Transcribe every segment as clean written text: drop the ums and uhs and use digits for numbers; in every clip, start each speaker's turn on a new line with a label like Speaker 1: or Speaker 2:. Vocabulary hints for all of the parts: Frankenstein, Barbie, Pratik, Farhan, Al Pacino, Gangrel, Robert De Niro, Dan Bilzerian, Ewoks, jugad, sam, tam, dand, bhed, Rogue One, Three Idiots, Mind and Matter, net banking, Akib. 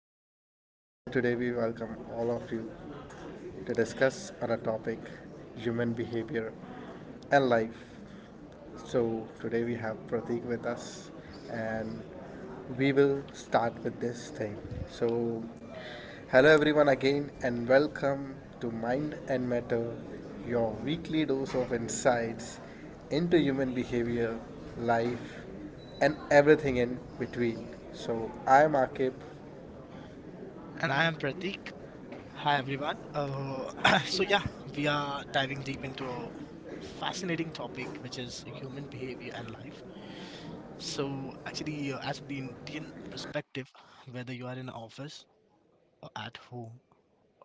Speaker 1: afternoon. Here today we welcome all of you to discuss on a topic human behavior and life. So today we have Pratik with us, and we will start with this thing. So hello, everyone, again, and welcome to Mind and Matter, your weekly dose of insights into human behavior, life, and everything in between. So I'm Akib.
Speaker 2: And I am Pratik. Hi, everyone. So, we are diving deep into a fascinating topic, which is human behavior and life. So, actually, as for the Indian perspective, whether you are in office or at home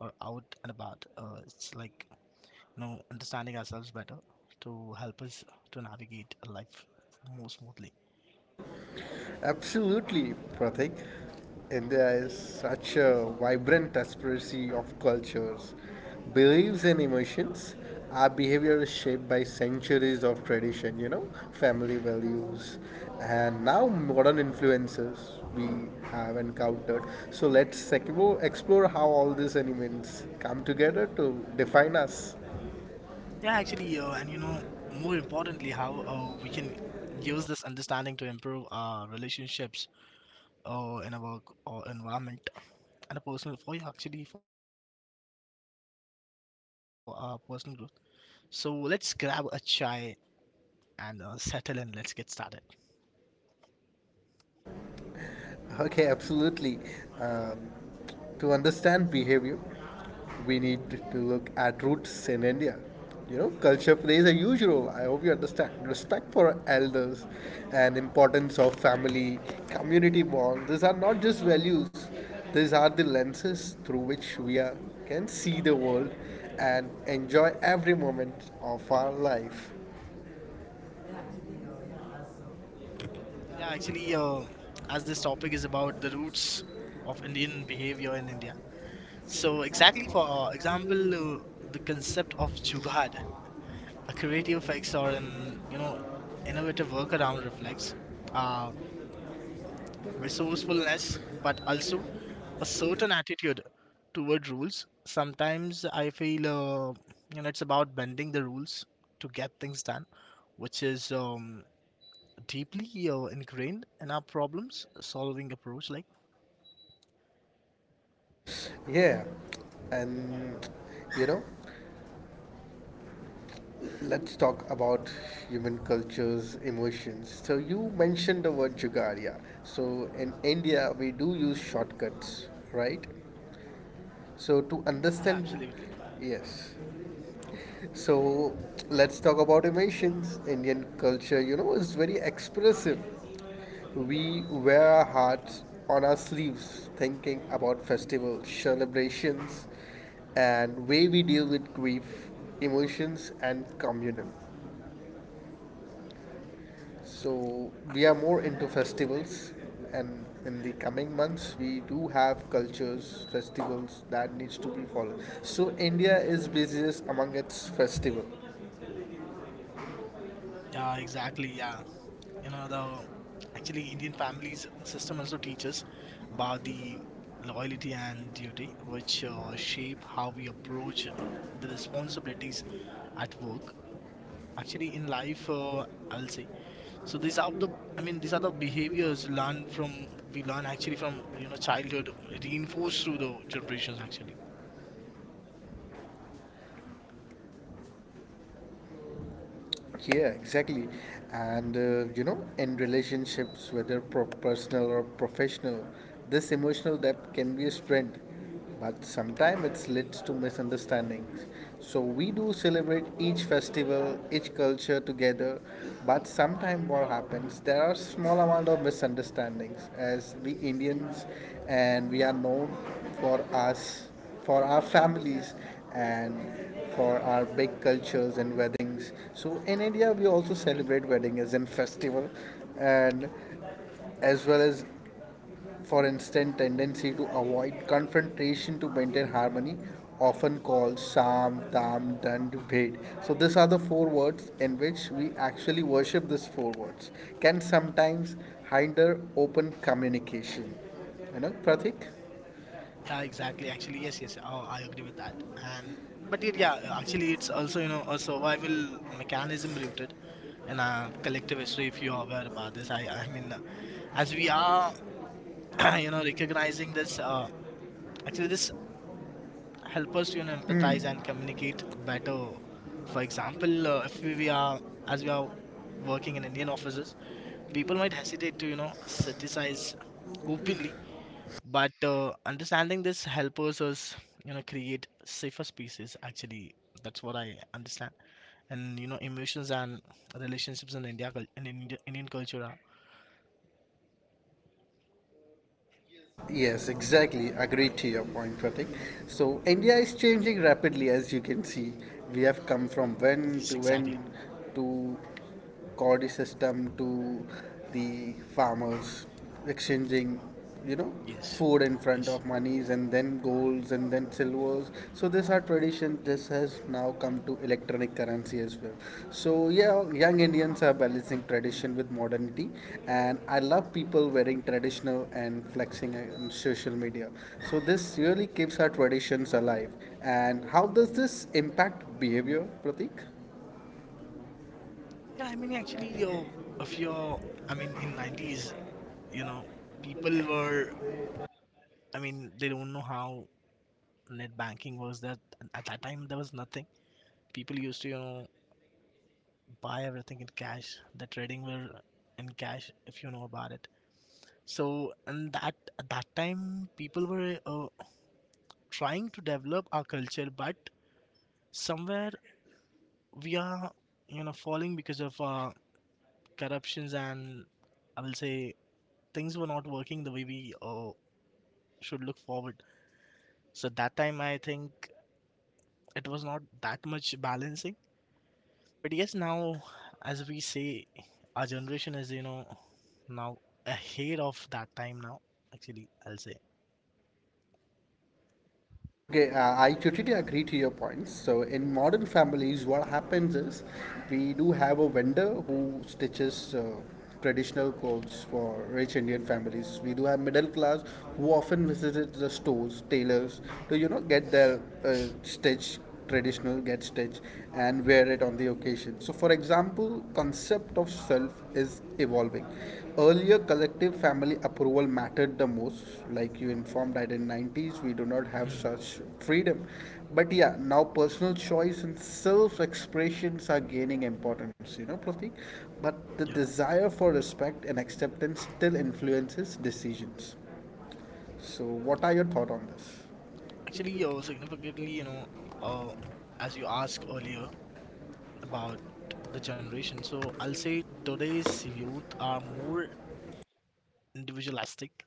Speaker 2: or out and about, it's like you know, understanding ourselves better to help us to navigate life more smoothly.
Speaker 1: Absolutely, Pratik. India is such a vibrant aspiracy of cultures, beliefs, and emotions. Our behavior is shaped by centuries of tradition, you know, family values, and now modern influences we have encountered. So let's explore how all these elements come together to define us.
Speaker 2: Yeah, actually, and you know, more importantly, how we can use this understanding to improve our relationships in our environment and a personal for you actually for our personal growth. So let's grab a chai and settle in. Let's get started.
Speaker 1: Okay, absolutely. Um, To understand behavior, we need to look at roots in India. You know, culture plays a huge role. I hope you understand. Respect for elders and importance of family, community bonds. These are not just values. These are the lenses through which we are, can see the world and enjoy every moment of our life.
Speaker 2: Yeah, actually, as this topic is about the roots of Indian behavior in India. So exactly for example, the concept of jugad, a creative fix or an you know innovative workaround reflects uh, resourcefulness, but also a certain attitude toward rules. Sometimes I feel, you know, it's about bending the rules to get things done, which is deeply ingrained in our problems solving approach. Like,
Speaker 1: Yeah, and you know, let's talk about human culture's emotions. So you mentioned the word Jugaria. So in India, we do use shortcuts, right? So to
Speaker 2: yeah,
Speaker 1: understand,
Speaker 2: absolutely.
Speaker 1: yes. So let's talk about emotions. Indian culture, you know, is very expressive. We wear our hearts on our sleeves, thinking about festivals, celebrations, and way we deal with grief, emotions, and communal. So we are more into festivals, and in the coming months, we do have cultures, festivals that needs to be followed. So India is busiest among its festival.
Speaker 2: Yeah, exactly. Yeah, you know, the actually Indian families system also teaches about the loyalty and duty, which shape how we approach the responsibilities at work. Actually, in life, I'll say. So these are the I mean these are the behaviors learned from we learn actually from you know childhood reinforced through the generations actually.
Speaker 1: Yeah, exactly. And you know, in relationships, whether personal or professional, this emotional depth can be a strength, but sometimes it leads to misunderstandings. So we do celebrate each festival, each culture together, but sometimes what happens, there are small amount of misunderstandings as we Indians, and we are known for us for our families and for our big cultures and weddings. So in India, we also celebrate wedding as in festival, and as well as for instant tendency to avoid confrontation to maintain harmony, often called sam, tam, dand, bhed. So these are the four words in which we actually worship. These four words can sometimes hinder open communication. You know, Pratik.
Speaker 2: Yeah, exactly. Actually, yes, yes. Oh, I agree with that. And but it, yeah, actually, it's also you know a survival mechanism rooted in a collective history. If you are aware about this, I mean, as we are you know recognizing this, actually this help us to, you know empathize and communicate better. For example, if we are as we are working in Indian offices. People might hesitate to, you know, criticize openly, but understanding this helps us, you know, create safer spaces. Actually, that's what I understand. And you know, emotions and relationships in India, in India, Indian culture are
Speaker 1: Yes, yes, exactly. Agreed to your point, Pratik. So India is changing rapidly, as you can see. We have come from
Speaker 2: yes, exactly.
Speaker 1: when to Cordy system, to the farmers exchanging, you know,
Speaker 2: Yes,
Speaker 1: food in front
Speaker 2: yes.
Speaker 1: of monies and then golds and then silver those. So this are tradition, this has now come to electronic currency as well. So yeah, young Indians are balancing tradition with modernity, and I love people wearing traditional and flexing on social media. So this really keeps our traditions alive. And how does this impact behavior, Pratik?
Speaker 2: Yeah, I mean, actually, if you're, I mean, in nineties, you know, people were, I mean, they don't know how net banking was. That at that time there was nothing. People used to, you know, buy everything in cash. The trading were in cash if you know about it. So and that at that time people were trying to develop our culture, but somewhere we are you know falling because of corruptions and I will say things were not working the way we should look forward. So that time I think it was not that much balancing. But yes, now, as we say, our generation is, you know, now ahead of that time now, actually, I'll say.
Speaker 1: Okay, I totally agree to your points. So in modern families, what happens is we do have a vendor who stitches traditional clothes for rich Indian families. We do have middle class who often visit the stores, tailors, to you know get their stitch traditional, get stitch, and wear it on the occasion. So for example, concept of self is evolving. Earlier collective family approval mattered the most, like you informed that in 90s we do not have
Speaker 2: Hmm,
Speaker 1: such freedom, but yeah, now personal choice and self expressions are gaining importance, you know, Pratik. But the
Speaker 2: yeah.
Speaker 1: desire for respect and acceptance still influences decisions. So what are your thoughts on this?
Speaker 2: Actually, you're significantly, you know, uh, as you asked earlier about the generation, so I'll say today's youth are more individualistic,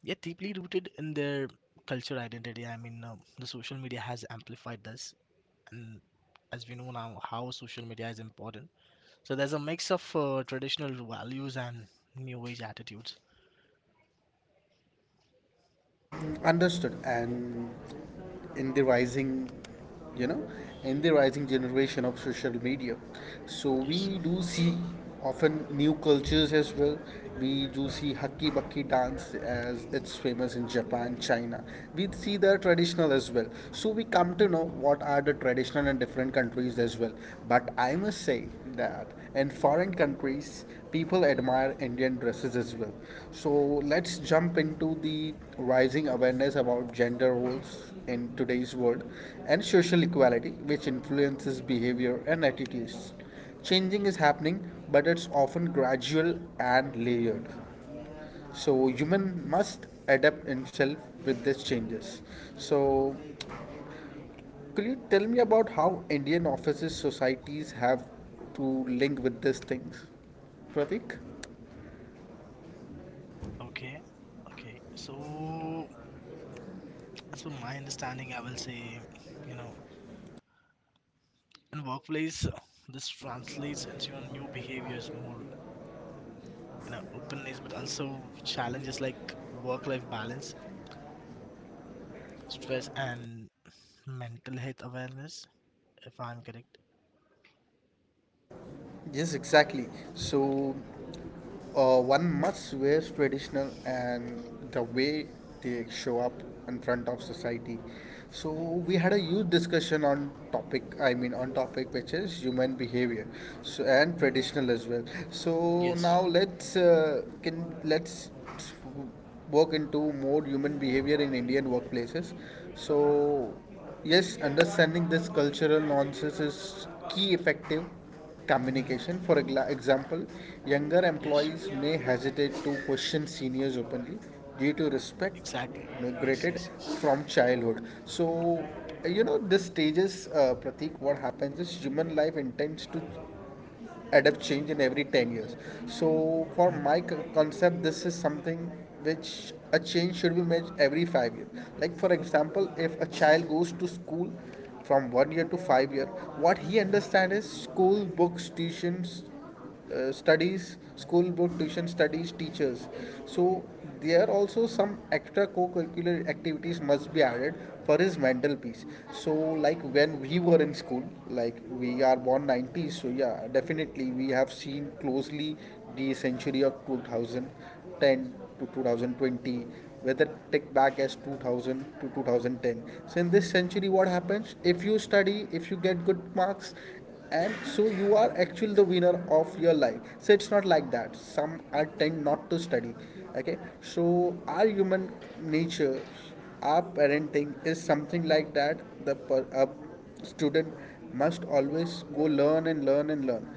Speaker 2: yet deeply rooted in their culture identity. I mean, the social media has amplified this, and as we know now, how social media is important. So there's a mix of traditional values and new age attitudes.
Speaker 1: Understood. And in the rising, you know, in the rising generation of social media, so
Speaker 2: Yes.
Speaker 1: we do see often new cultures as well. We do see haki baki dance as it's famous in Japan, China. We see the traditional as well, so we come to know what are the traditional and different countries as well. But I must say that in foreign countries, people admire Indian dresses as well. So let's jump into the rising awareness about gender roles in today's world and social equality, which influences behavior and attitudes. Changing is happening, but it's often gradual and layered. So human must adapt himself with these changes. So could you tell me about how Indian offices societies have to link with these things, Pratik?
Speaker 2: Okay. Okay. So, as per my understanding, I will say, you know, in workplace, this translates into your new behaviors, more, you know, openness, but also challenges like work-life balance, stress, and mental health awareness, if I'm correct.
Speaker 1: Yes, exactly. So one must wear traditional and the way they show up in front of society. So we had a huge discussion on topic. I mean on topic which is human behavior, so and
Speaker 2: Hmm.
Speaker 1: traditional as well. So
Speaker 2: Yes.
Speaker 1: now let's work into more human behavior in Indian workplaces. So yes, understanding this cultural nuances is key effective
Speaker 2: Hmm.
Speaker 1: communication. For example, younger
Speaker 2: Yes.
Speaker 1: employees may hesitate to question seniors openly due to respect
Speaker 2: Exactly. Yes.
Speaker 1: migrated
Speaker 2: Yes. Yes.
Speaker 1: from childhood. So you know, this stages, Pratik, what happens is human life intends to adapt change in every 10 years. So for my concept, this is something which a change should be made every 5 years. Like for example, if a child goes to school from 1 year to 5 year, what he understands is school books, tuitions, studies, school book, tuition studies, teachers. So there also some extra co-curricular activities must be added for his mental peace. So like when we were in school, like we are born 90s, so yeah, definitely we have seen closely the century of 2000, 2010 to 2020, whether take back as 2000 to 2010. So in this century, what happens if you study, if you get good marks, and so you are actually the winner of your life. So it's not like that some are tend not to study. Okay, so our human nature, our parenting is something like that. The per, a student must always go learn and learn and learn.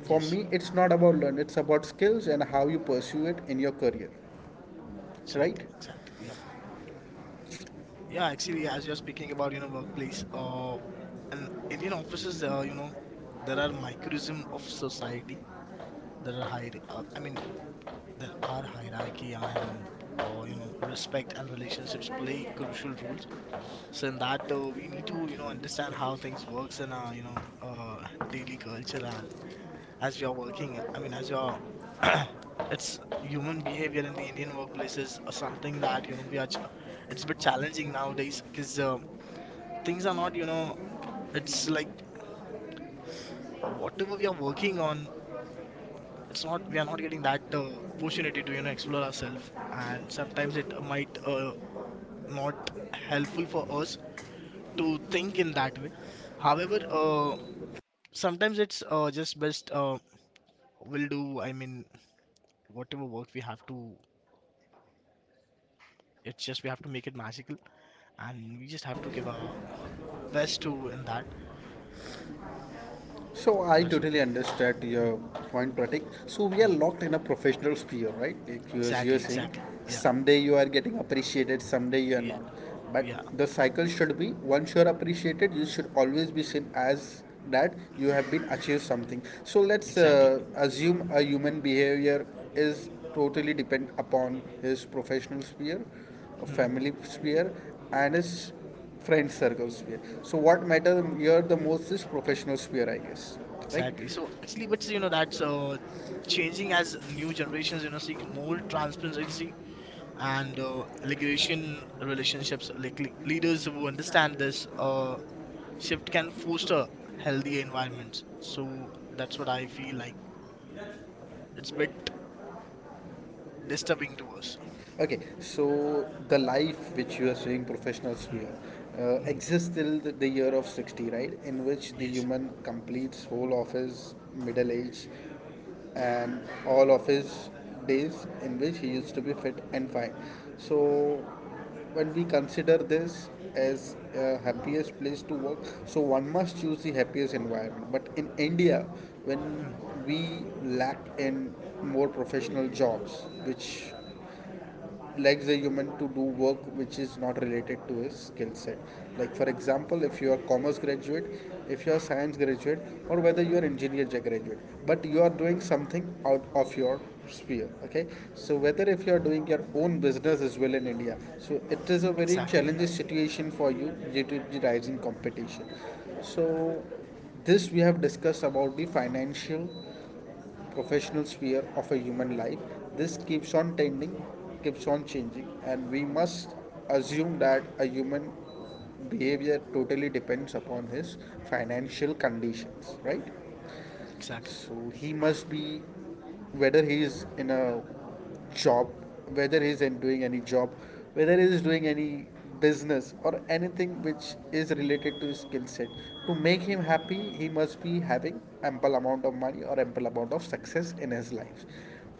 Speaker 1: For
Speaker 2: Yes.
Speaker 1: me, it's not about learn, it's about skills and how you pursue it in your career, right?
Speaker 2: Exactly. Exactly. Yeah. Yeah, actually, as you're speaking about, you know, workplace, and Indian offices, you know, there are microcosm of society. There are hierarchy and, you know, respect and relationships play crucial roles. So in that, we need to, you know, understand how things works in our, you know, daily culture. And as we are working, I mean, as you're it's human behavior in the Indian workplace is something that you know we are. It's a bit challenging nowadays because things are not you know it's like whatever we are working on it's not we are not getting that opportunity to you know explore ourselves and sometimes it might not helpful for us to think in that way however sometimes it's just best we'll do I mean whatever work we have to it's just we have to make it magical and we just have to give our best to in that
Speaker 1: So I
Speaker 2: that's what
Speaker 1: totally understand your point, Pratik. So we are locked in a professional sphere, right? Like you as you're
Speaker 2: exactly
Speaker 1: saying,
Speaker 2: exactly yeah
Speaker 1: someday you are getting appreciated, someday you are
Speaker 2: yeah,
Speaker 1: not. But
Speaker 2: yeah
Speaker 1: the cycle should be once you're appreciated, you should always be seen as that you have been achieved something. So let's
Speaker 2: exactly.
Speaker 1: uh, assume a human behavior is totally depend upon his professional sphere, a
Speaker 2: Hmm.
Speaker 1: family sphere, and his
Speaker 2: Yes.
Speaker 1: friend circle sphere. So what matters here the most is professional sphere, I guess, right?
Speaker 2: Exactly. So actually, but you know that's changing as new generations you know seek more transparency and regulation relationships. Like leaders who understand this shift can foster healthier environments. So that's what I feel like. It's a bit disturbing to us.
Speaker 1: Okay, so the life which you are saying professionals we are, exists till the year of 60, right? In which the
Speaker 2: Yes.
Speaker 1: human completes whole of his middle age and all of his days in which he used to be fit and fine. So when we consider this as a happiest place to work, so one must choose the happiest environment. But in India, when
Speaker 2: Hmm.
Speaker 1: we lack in more professional jobs, which likes a human to do work which is not related to his skill set. Like for example, if you are commerce graduate, if you are science graduate, or whether you are engineer graduate, but you are doing something out of your sphere, okay. So whether if you are doing your own business as well in India, so it is a very
Speaker 2: Exactly. Yeah.
Speaker 1: challenging situation for you due to the rising competition. So this we have discussed about the financial professional sphere of a human life. This keeps on tending, keeps on changing, and we must assume that a human behavior totally depends upon his financial conditions, right?
Speaker 2: Exactly.
Speaker 1: So he must be, whether he is in a job, whether he is in doing any job, whether he is doing any business or anything which is related to his skill set. To make him happy, he must be having ample amount of money or ample amount of success in his life,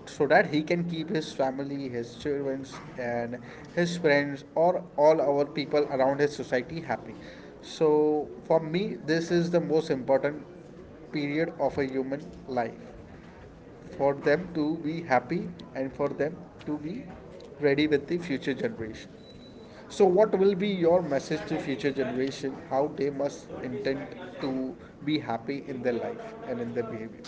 Speaker 1: so that he can keep his family, his children, and his friends or all our people around his society happy. So for me, this is the most important period of a human life for them to be happy and for them to be ready with the future generation. So what will be your message to future generation, how they must intend to be happy in their life and in their behavior?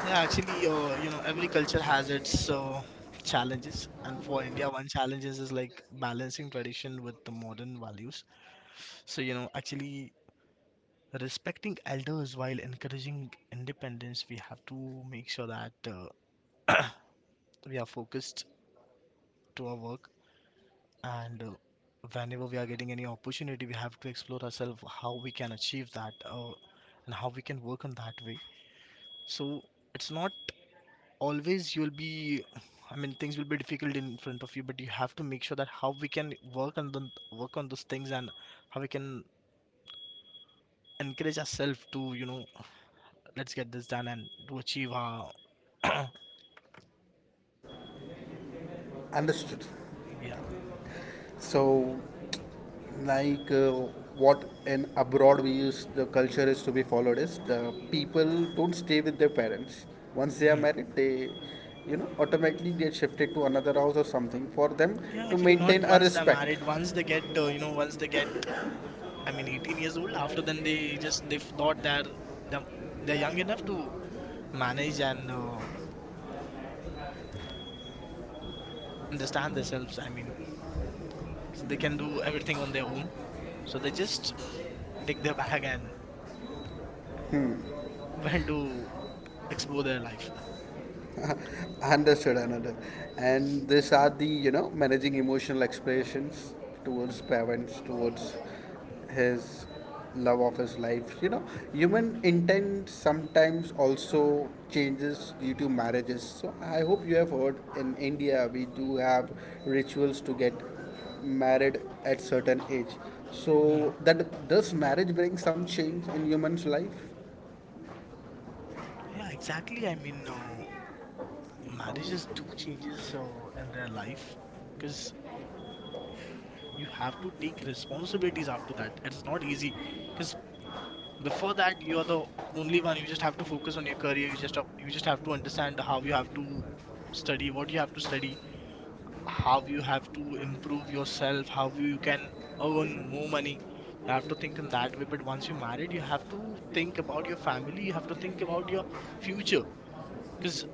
Speaker 2: Yeah. Actually, you know, every culture has its challenges, and for India, one challenge is like balancing tradition with the modern values. So, you know, actually respecting elders while encouraging independence, we have to make sure that we are focused to our work and whenever we are getting any opportunity, we have to explore ourselves how we can achieve that and how we can work on that way. So, it's not always you'll be I mean things will be difficult in front of you, but you have to make sure that how we can work on the work on those things and how we can encourage ourselves to you know let's get this done and to achieve our
Speaker 1: Understood.
Speaker 2: yeah.
Speaker 1: So like what in abroad we use the culture is to be followed is the people don't stay with their parents. Once they
Speaker 2: Hmm.
Speaker 1: are married, they you know automatically get shifted to another house or something for them
Speaker 2: Yeah,
Speaker 1: to
Speaker 2: actually, not
Speaker 1: maintain a
Speaker 2: once they're
Speaker 1: respect.
Speaker 2: married. Once they get, you know, once they get, I mean, 18 years old. After then, they just they thought they're them- they're young enough to manage and understand themselves. I mean, so they can do everything on their own. So they just take their bag and went to explore their life.
Speaker 1: Understood, understood. And these are the, you know, managing emotional expressions towards parents, towards his love of his life. You know, human intent sometimes also changes due to marriages. So I hope you have heard in India we do have rituals to get married at certain age.
Speaker 2: Hmm.
Speaker 1: So that does marriage bring some change in human's life?
Speaker 2: Yeah, exactly. I mean, marriages do changes in their life because you have to take responsibilities after that. It's not easy because before that you're the only one you just have to focus on your career you just have to understand how you have to study what you have to study how you have to improve yourself how you can earn more money you have to think in that way but once you're married you have to think about your family you have to think about your future because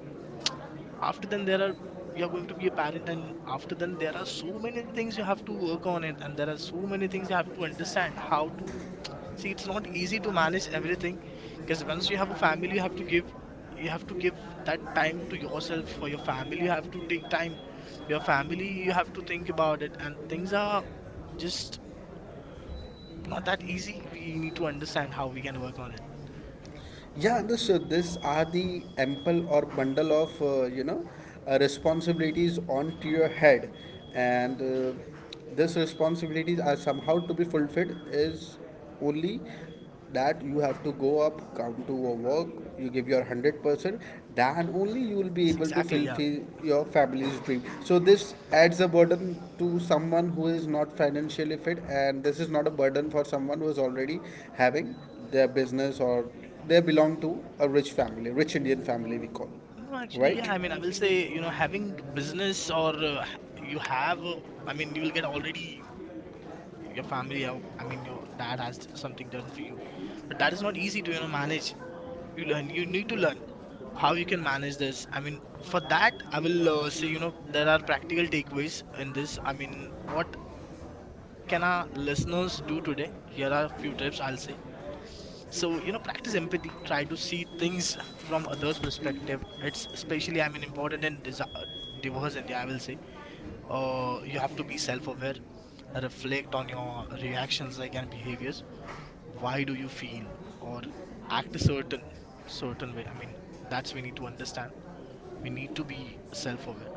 Speaker 2: after then there are you are going to be a parent and after then there are so many things you have to work on it and there are so many things you have to understand how to see it's not easy to manage everything because once you have a family you have to give that time to yourself for your family you have to take time for your family you have to think about it and things are just not that easy we need to understand how we can work on it
Speaker 1: Yeah, no, so this are the ample or bundle of responsibilities onto your head, and these responsibilities are somehow to be fulfilled is only that you have to go up, come to your work, you give your 100%, then only you will
Speaker 2: yes
Speaker 1: be able to
Speaker 2: exactly yeah.
Speaker 1: fulfill your family's dream. So this adds a burden to someone who is not financially fit, and this is not a burden for someone who is already having their business or they belong to a rich family, rich Indian family we call,
Speaker 2: No, actually, yeah. I
Speaker 1: right?
Speaker 2: mean, I will say, you know, having business or you have, I mean, you will get already your family. I mean, your something done for you, but that is not easy to, you know, manage. You learn. You need to learn how you can manage this. I mean, for that, I will say, you know, there are practical takeaways in this. I mean, what can our listeners do today? Here are a few tips I'll say. So you know practice empathy try to see things from others perspective it's especially I mean important in divorce india I will say you have to be self-aware reflect on your reactions like and behaviors why do you feel or act a certain way I mean that's we need to understand we need to be self-aware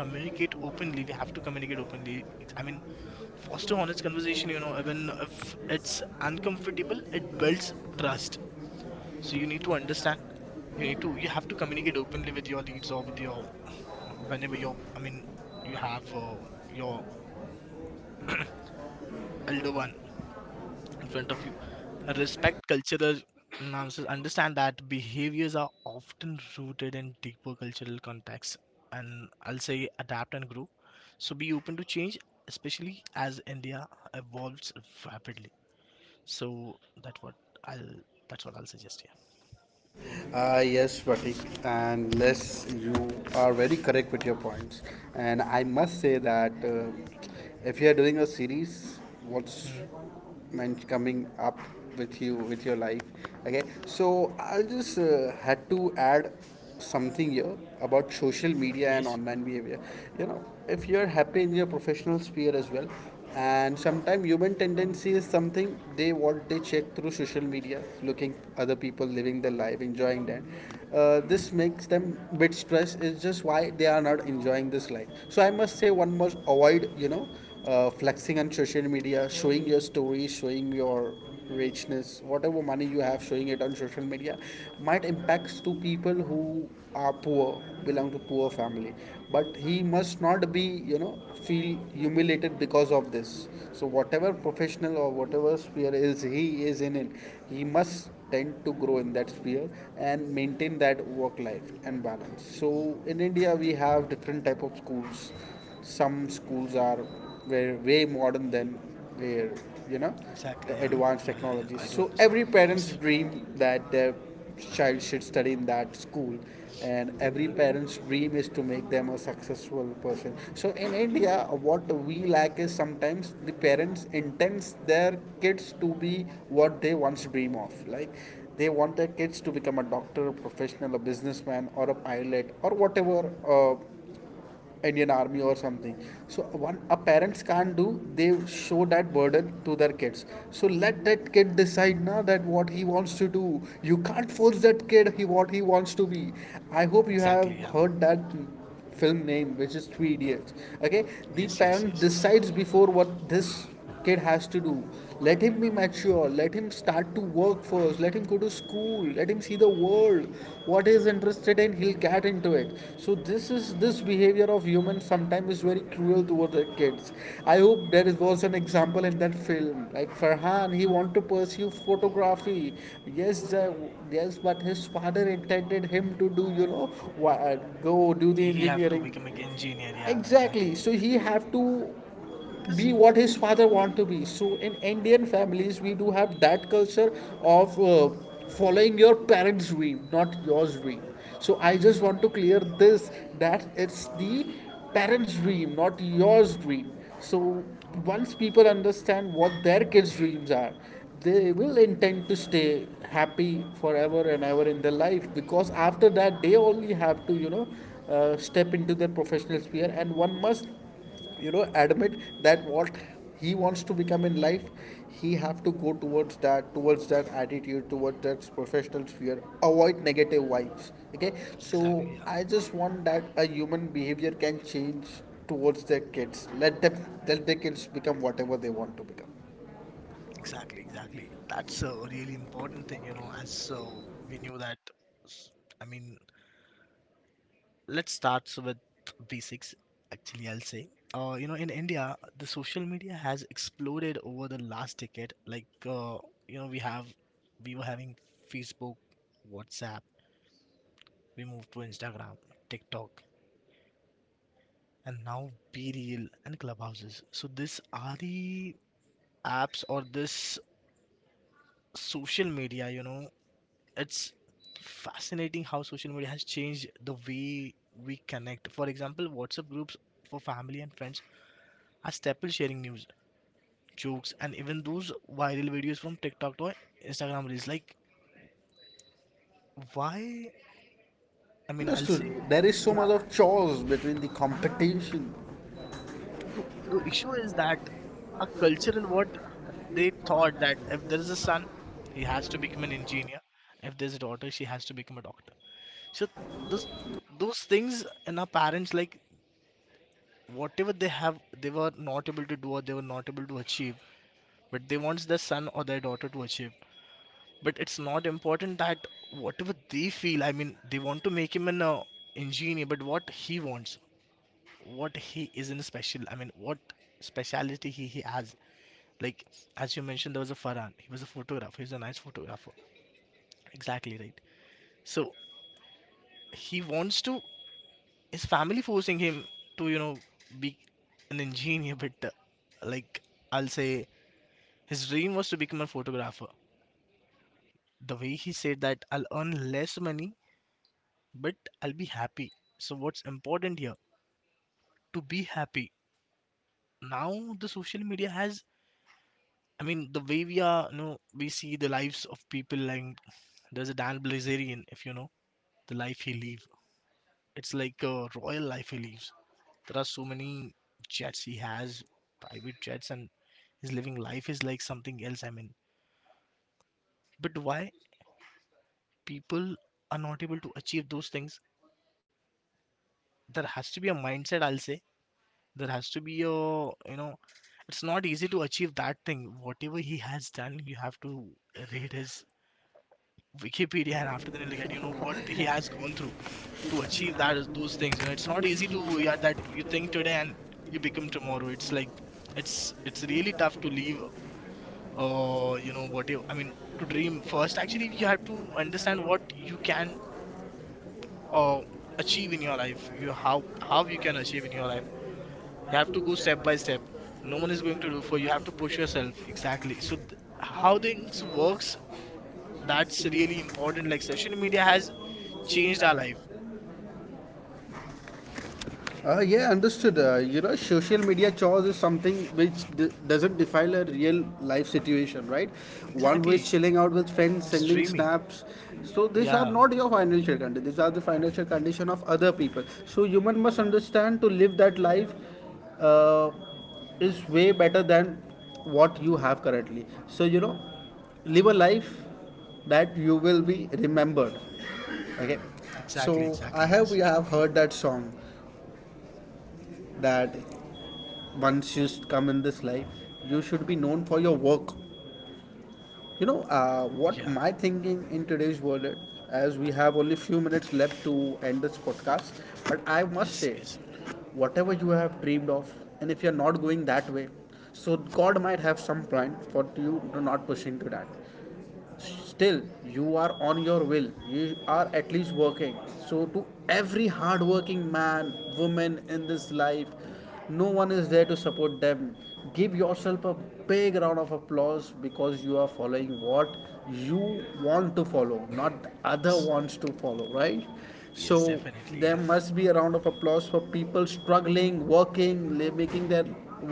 Speaker 2: communicate openly we have to communicate openly I mean foster honest conversation you know even if it's uncomfortable it builds trust so you need to understand you have to communicate openly with your leads or with your whenever you're I mean you have your elder one in front of you respect cultural nuances understand that behaviors are often rooted in deeper cultural contexts and I'll say adapt and grow so be open to change especially as india evolves rapidly so that's what i'll that's what I'll suggest here.
Speaker 1: Yes, Pratik, and yes, you are very correct with your points. And I must say that if you are doing a series,
Speaker 2: Mhm.
Speaker 1: what's meant coming up with you with your life? Okay, so I just had to add something here about social
Speaker 2: Yes.
Speaker 1: media and online behavior. You know, if you're happy in your professional sphere as well, and sometimes human tendency is something they what they check through social media, looking other people living their life, enjoying that. This makes them a bit stressed. It's just why they are not enjoying this life. So I must say one must avoid flexing on social media, showing your stories, showing your richness, whatever money you have, showing it on social media might impacts to people who are poor, belong to poor family. But he must not be, you know, feel humiliated because of this. So whatever professional or whatever sphere is he is in, it, he must tend to grow in that sphere and maintain that work life and balance. So in India we have different type of schools. Some schools are were way modern than their, you know,
Speaker 2: Exactly.
Speaker 1: the
Speaker 2: Yeah. Yeah
Speaker 1: advanced
Speaker 2: yeah yeah I
Speaker 1: technologies,
Speaker 2: do
Speaker 1: so
Speaker 2: understand.
Speaker 1: every
Speaker 2: Yes.
Speaker 1: parent's dream that their child should study in that school, and every parent's dream is to make them a successful person. So in India what we lack is sometimes the parents intends their kids to be what they once dream of, like they want their kids to become a doctor, a professional, a businessman, or a pilot, or whatever, uh, Indian Army or something. So one a parents can't do. They show that burden to their kids. So let that kid decide now that what he wants to do. You can't force that kid he what he wants to be. I hope you
Speaker 2: Exactly.
Speaker 1: have
Speaker 2: Yeah.
Speaker 1: heard that film name, which is Three Idiots. Okay, the
Speaker 2: Yes, yes,
Speaker 1: parent
Speaker 2: yes. Yes.
Speaker 1: decides before what this kid has to do. Let him be mature. Let him start to work first. Let him go to school. Let him see the world. What he's interested in, he'll get into it. So this is this behavior of humans sometimes is very cruel toward the kids. I hope there was an example in that film. Like Farhan, he wanted to pursue photography. Yes, the- yes, but his father intended him to do, you know, wha- go do the
Speaker 2: He have to
Speaker 1: engineering,
Speaker 2: become an engineer. Yeah, exactly.
Speaker 1: exactly, so he have to
Speaker 2: Because
Speaker 1: be what his father want to be. So in Indian families we do have that culture of following your parents dream, not yours dream. So I just want to clear this that it's the parents dream, not yours dream. So once people understand what their kids dreams are, they will intend to stay happy forever and ever in their life, because after that they only have to step into their professional sphere, and one must, you know, admit that what he wants to become in life, he have to go towards that, towards that attitude, towards that professional sphere. Avoid negative vibes. Okay, so
Speaker 2: exactly, yeah,
Speaker 1: I just want that a human behavior can change towards their kids. Let them, let their kids become whatever they want to become.
Speaker 2: exactly, exactly. That's a really important thing, you know. As so we knew that. s- I mean, let's start with basics. Actually, I'll say. You know, in India, the social media has exploded over the last decade. Like, we have, we were having Facebook, WhatsApp. We moved to Instagram, TikTok, and now Be Real and Clubhouses. So these are the apps, or this social media, you know, it's fascinating how social media has changed the way we connect. For example, WhatsApp groups for family and friends are staple, sharing news, jokes, and even those viral videos from TikTok to Instagram reels. Like, why? I mean, I'll
Speaker 1: Understood.
Speaker 2: say,
Speaker 1: There is so
Speaker 2: yeah,
Speaker 1: much of chores between the
Speaker 2: ah,
Speaker 1: competition.
Speaker 2: the, the issue is that a cultural, what they thought that if there is a son, he has to become an engineer. If there's a daughter, she has to become a doctor. So those those things in our parents, like whatever they have, they were not able to do, or they were not able to achieve, but they wants their son or their daughter to achieve. But it's not important that whatever they feel, I mean, they want to make him an engineer, but what he wants, what he is in special, I mean, what speciality he has. Like, as you mentioned, there was a Farhan, he was a photographer, he's a nice photographer, exactly, right. So he wants to, his family forcing him to, you know, be an engineer, but like, I'll say, his dream was to become a photographer. The way he said that, I'll earn less money, but I'll be happy. So what's important here, to be happy. Now the social media has, I mean, the way we are, you know, we see the lives of people, like there's a Dan Blazerian, if you know, the life he live, it's like a royal life he lives. There are so many jets he has, private jets, and his living life is like something else. I mean, but why people are not able to achieve those things? There has to be a mindset, I'll say. There has to be a, you know, it's not easy to achieve that thing. Whatever he has done, you have to read his Wikipedia, and after that, you look at, you know, what he has gone through to achieve that, those things. You know, it's not easy to, yeah, that you think today and you become tomorrow. It's like, it's really tough to leave, you know what you, I mean, to dream first. Actually, you have to understand what you can uh achieve in your life, you how you can achieve in your life. You have to go step by step.
Speaker 1: How
Speaker 2: No one is going to do for you. You have to push yourself, exactly. So
Speaker 1: the
Speaker 2: how
Speaker 1: things
Speaker 2: things
Speaker 1: works,
Speaker 2: works,
Speaker 1: that
Speaker 2: that's
Speaker 1: series
Speaker 2: really
Speaker 1: and so
Speaker 2: important. Like social
Speaker 1: like
Speaker 2: media has
Speaker 1: has changed
Speaker 2: changed
Speaker 1: our
Speaker 2: our
Speaker 1: life.
Speaker 2: life,
Speaker 1: Yeah, understood. You know, social media chores is something which doesn't define a real life situation, right? One who
Speaker 2: exactly.
Speaker 1: is chilling out with friends,
Speaker 2: It's
Speaker 1: sending
Speaker 2: dreaming.
Speaker 1: snaps. So these are
Speaker 2: Yeah,
Speaker 1: not your financial condition. These are the financial condition of other people. So human must understand to live that life uh, is way better than what you have currently. So you know, live a life that you will be remembered. Okay.
Speaker 2: exactly,
Speaker 1: So
Speaker 2: exactly,
Speaker 1: I
Speaker 2: yes.
Speaker 1: have we have heard that song that once you come in this life, you should be known for your work. You know, what
Speaker 2: Yeah,
Speaker 1: my thinking in today's world is, as we have only few minutes left to end this podcast, but I must
Speaker 2: yes,
Speaker 1: say,
Speaker 2: yes.
Speaker 1: whatever you have dreamed of, and if you're not going that way, so God might have some plan for you to not push into that. Still you are on your will, you are at least working, so to every hardworking man, woman in this life, no one is there to support them. Give yourself a big round of applause because you are following what you want to follow, not the other
Speaker 2: Yes,
Speaker 1: wants to follow, right?
Speaker 2: yes,
Speaker 1: So
Speaker 2: definitely,
Speaker 1: there
Speaker 2: yeah.
Speaker 1: must be a round of applause for people struggling, working, making their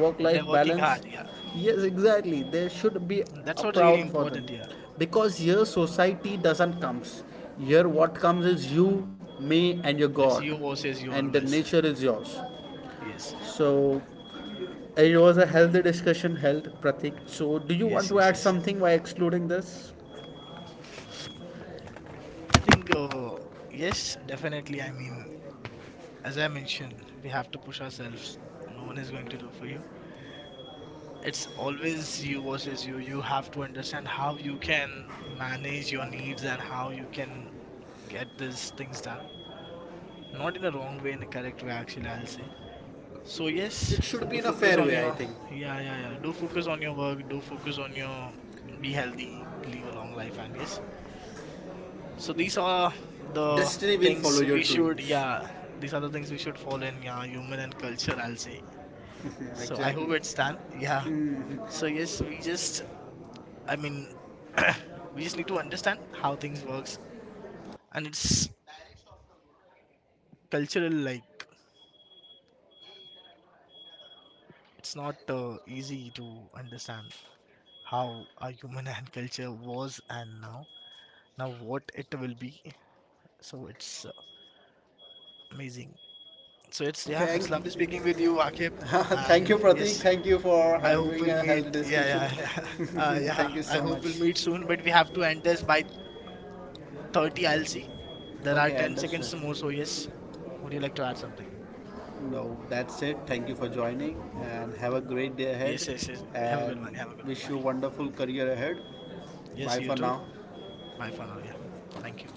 Speaker 1: work
Speaker 2: But they're
Speaker 1: life
Speaker 2: working hard,
Speaker 1: balance.
Speaker 2: yeah.
Speaker 1: Yes, exactly, there should be
Speaker 2: And that's
Speaker 1: a
Speaker 2: what's really
Speaker 1: proud for them,
Speaker 2: important, yeah.
Speaker 1: because here society doesn't comes. Here what comes is you, me, and your
Speaker 2: It's
Speaker 1: God,
Speaker 2: you versus you
Speaker 1: and the
Speaker 2: always.
Speaker 1: nature is yours.
Speaker 2: Yes,
Speaker 1: So it was a healthy discussion held, Pratik, so do you want
Speaker 2: yes,
Speaker 1: to
Speaker 2: yes,
Speaker 1: add
Speaker 2: yes.
Speaker 1: something by excluding this?
Speaker 2: I think, yes, definitely. I mean, as I mentioned, we have to push ourselves. No one is going to do for you. It's always you versus you. You have to understand how you can manage your needs and how you can get these things done. Not in a wrong way, in a correct way, actually, I'll say. So yes,
Speaker 1: It should be
Speaker 2: do
Speaker 1: in a
Speaker 2: focus
Speaker 1: fair
Speaker 2: on
Speaker 1: way, I
Speaker 2: your,
Speaker 1: think.
Speaker 2: yeah, yeah, yeah. Do focus on your work. Do focus on your, be healthy, live a long life, and yes. So these are the
Speaker 1: Destiny will follow
Speaker 2: things
Speaker 1: your
Speaker 2: we should,
Speaker 1: dreams.
Speaker 2: yeah, these are the things we should follow in, yeah, human and culture, I'll say.
Speaker 1: Yeah,
Speaker 2: So I
Speaker 1: exactly.
Speaker 2: hope it's done. Yeah. So yes, we just, I mean, we just need to understand how things works, and it's cultural. Like it's not easy to understand how our human and culture was, and now, now what it will be. So it's amazing. So
Speaker 1: Okay,
Speaker 2: it's, yeah,
Speaker 1: thank
Speaker 2: it's lovely speaking with you, Akib.
Speaker 1: thank
Speaker 2: And
Speaker 1: you, Pratik.
Speaker 2: yes,
Speaker 1: Thank you for
Speaker 2: I hope
Speaker 1: having
Speaker 2: we'll
Speaker 1: a
Speaker 2: meet.
Speaker 1: healthy
Speaker 2: Yeah,
Speaker 1: discussion.
Speaker 2: yeah, yeah. Yeah,
Speaker 1: Thank you
Speaker 2: I
Speaker 1: so
Speaker 2: hope we'll
Speaker 1: much.
Speaker 2: meet soon, but we have to end this by 30. I'll see. There are
Speaker 1: Okay,
Speaker 2: 10
Speaker 1: understood.
Speaker 2: seconds more, so yes. Would you like to add something?
Speaker 1: No, that's it. Thank you for joining and have a great day
Speaker 2: Yes,
Speaker 1: ahead,
Speaker 2: yes, yes. Have a good
Speaker 1: and
Speaker 2: one. Have a good one.
Speaker 1: wish you
Speaker 2: Bye.
Speaker 1: a wonderful career ahead.
Speaker 2: Yes,
Speaker 1: Bye
Speaker 2: you
Speaker 1: for
Speaker 2: too.
Speaker 1: now.
Speaker 2: Bye for now. Yeah. Thank you.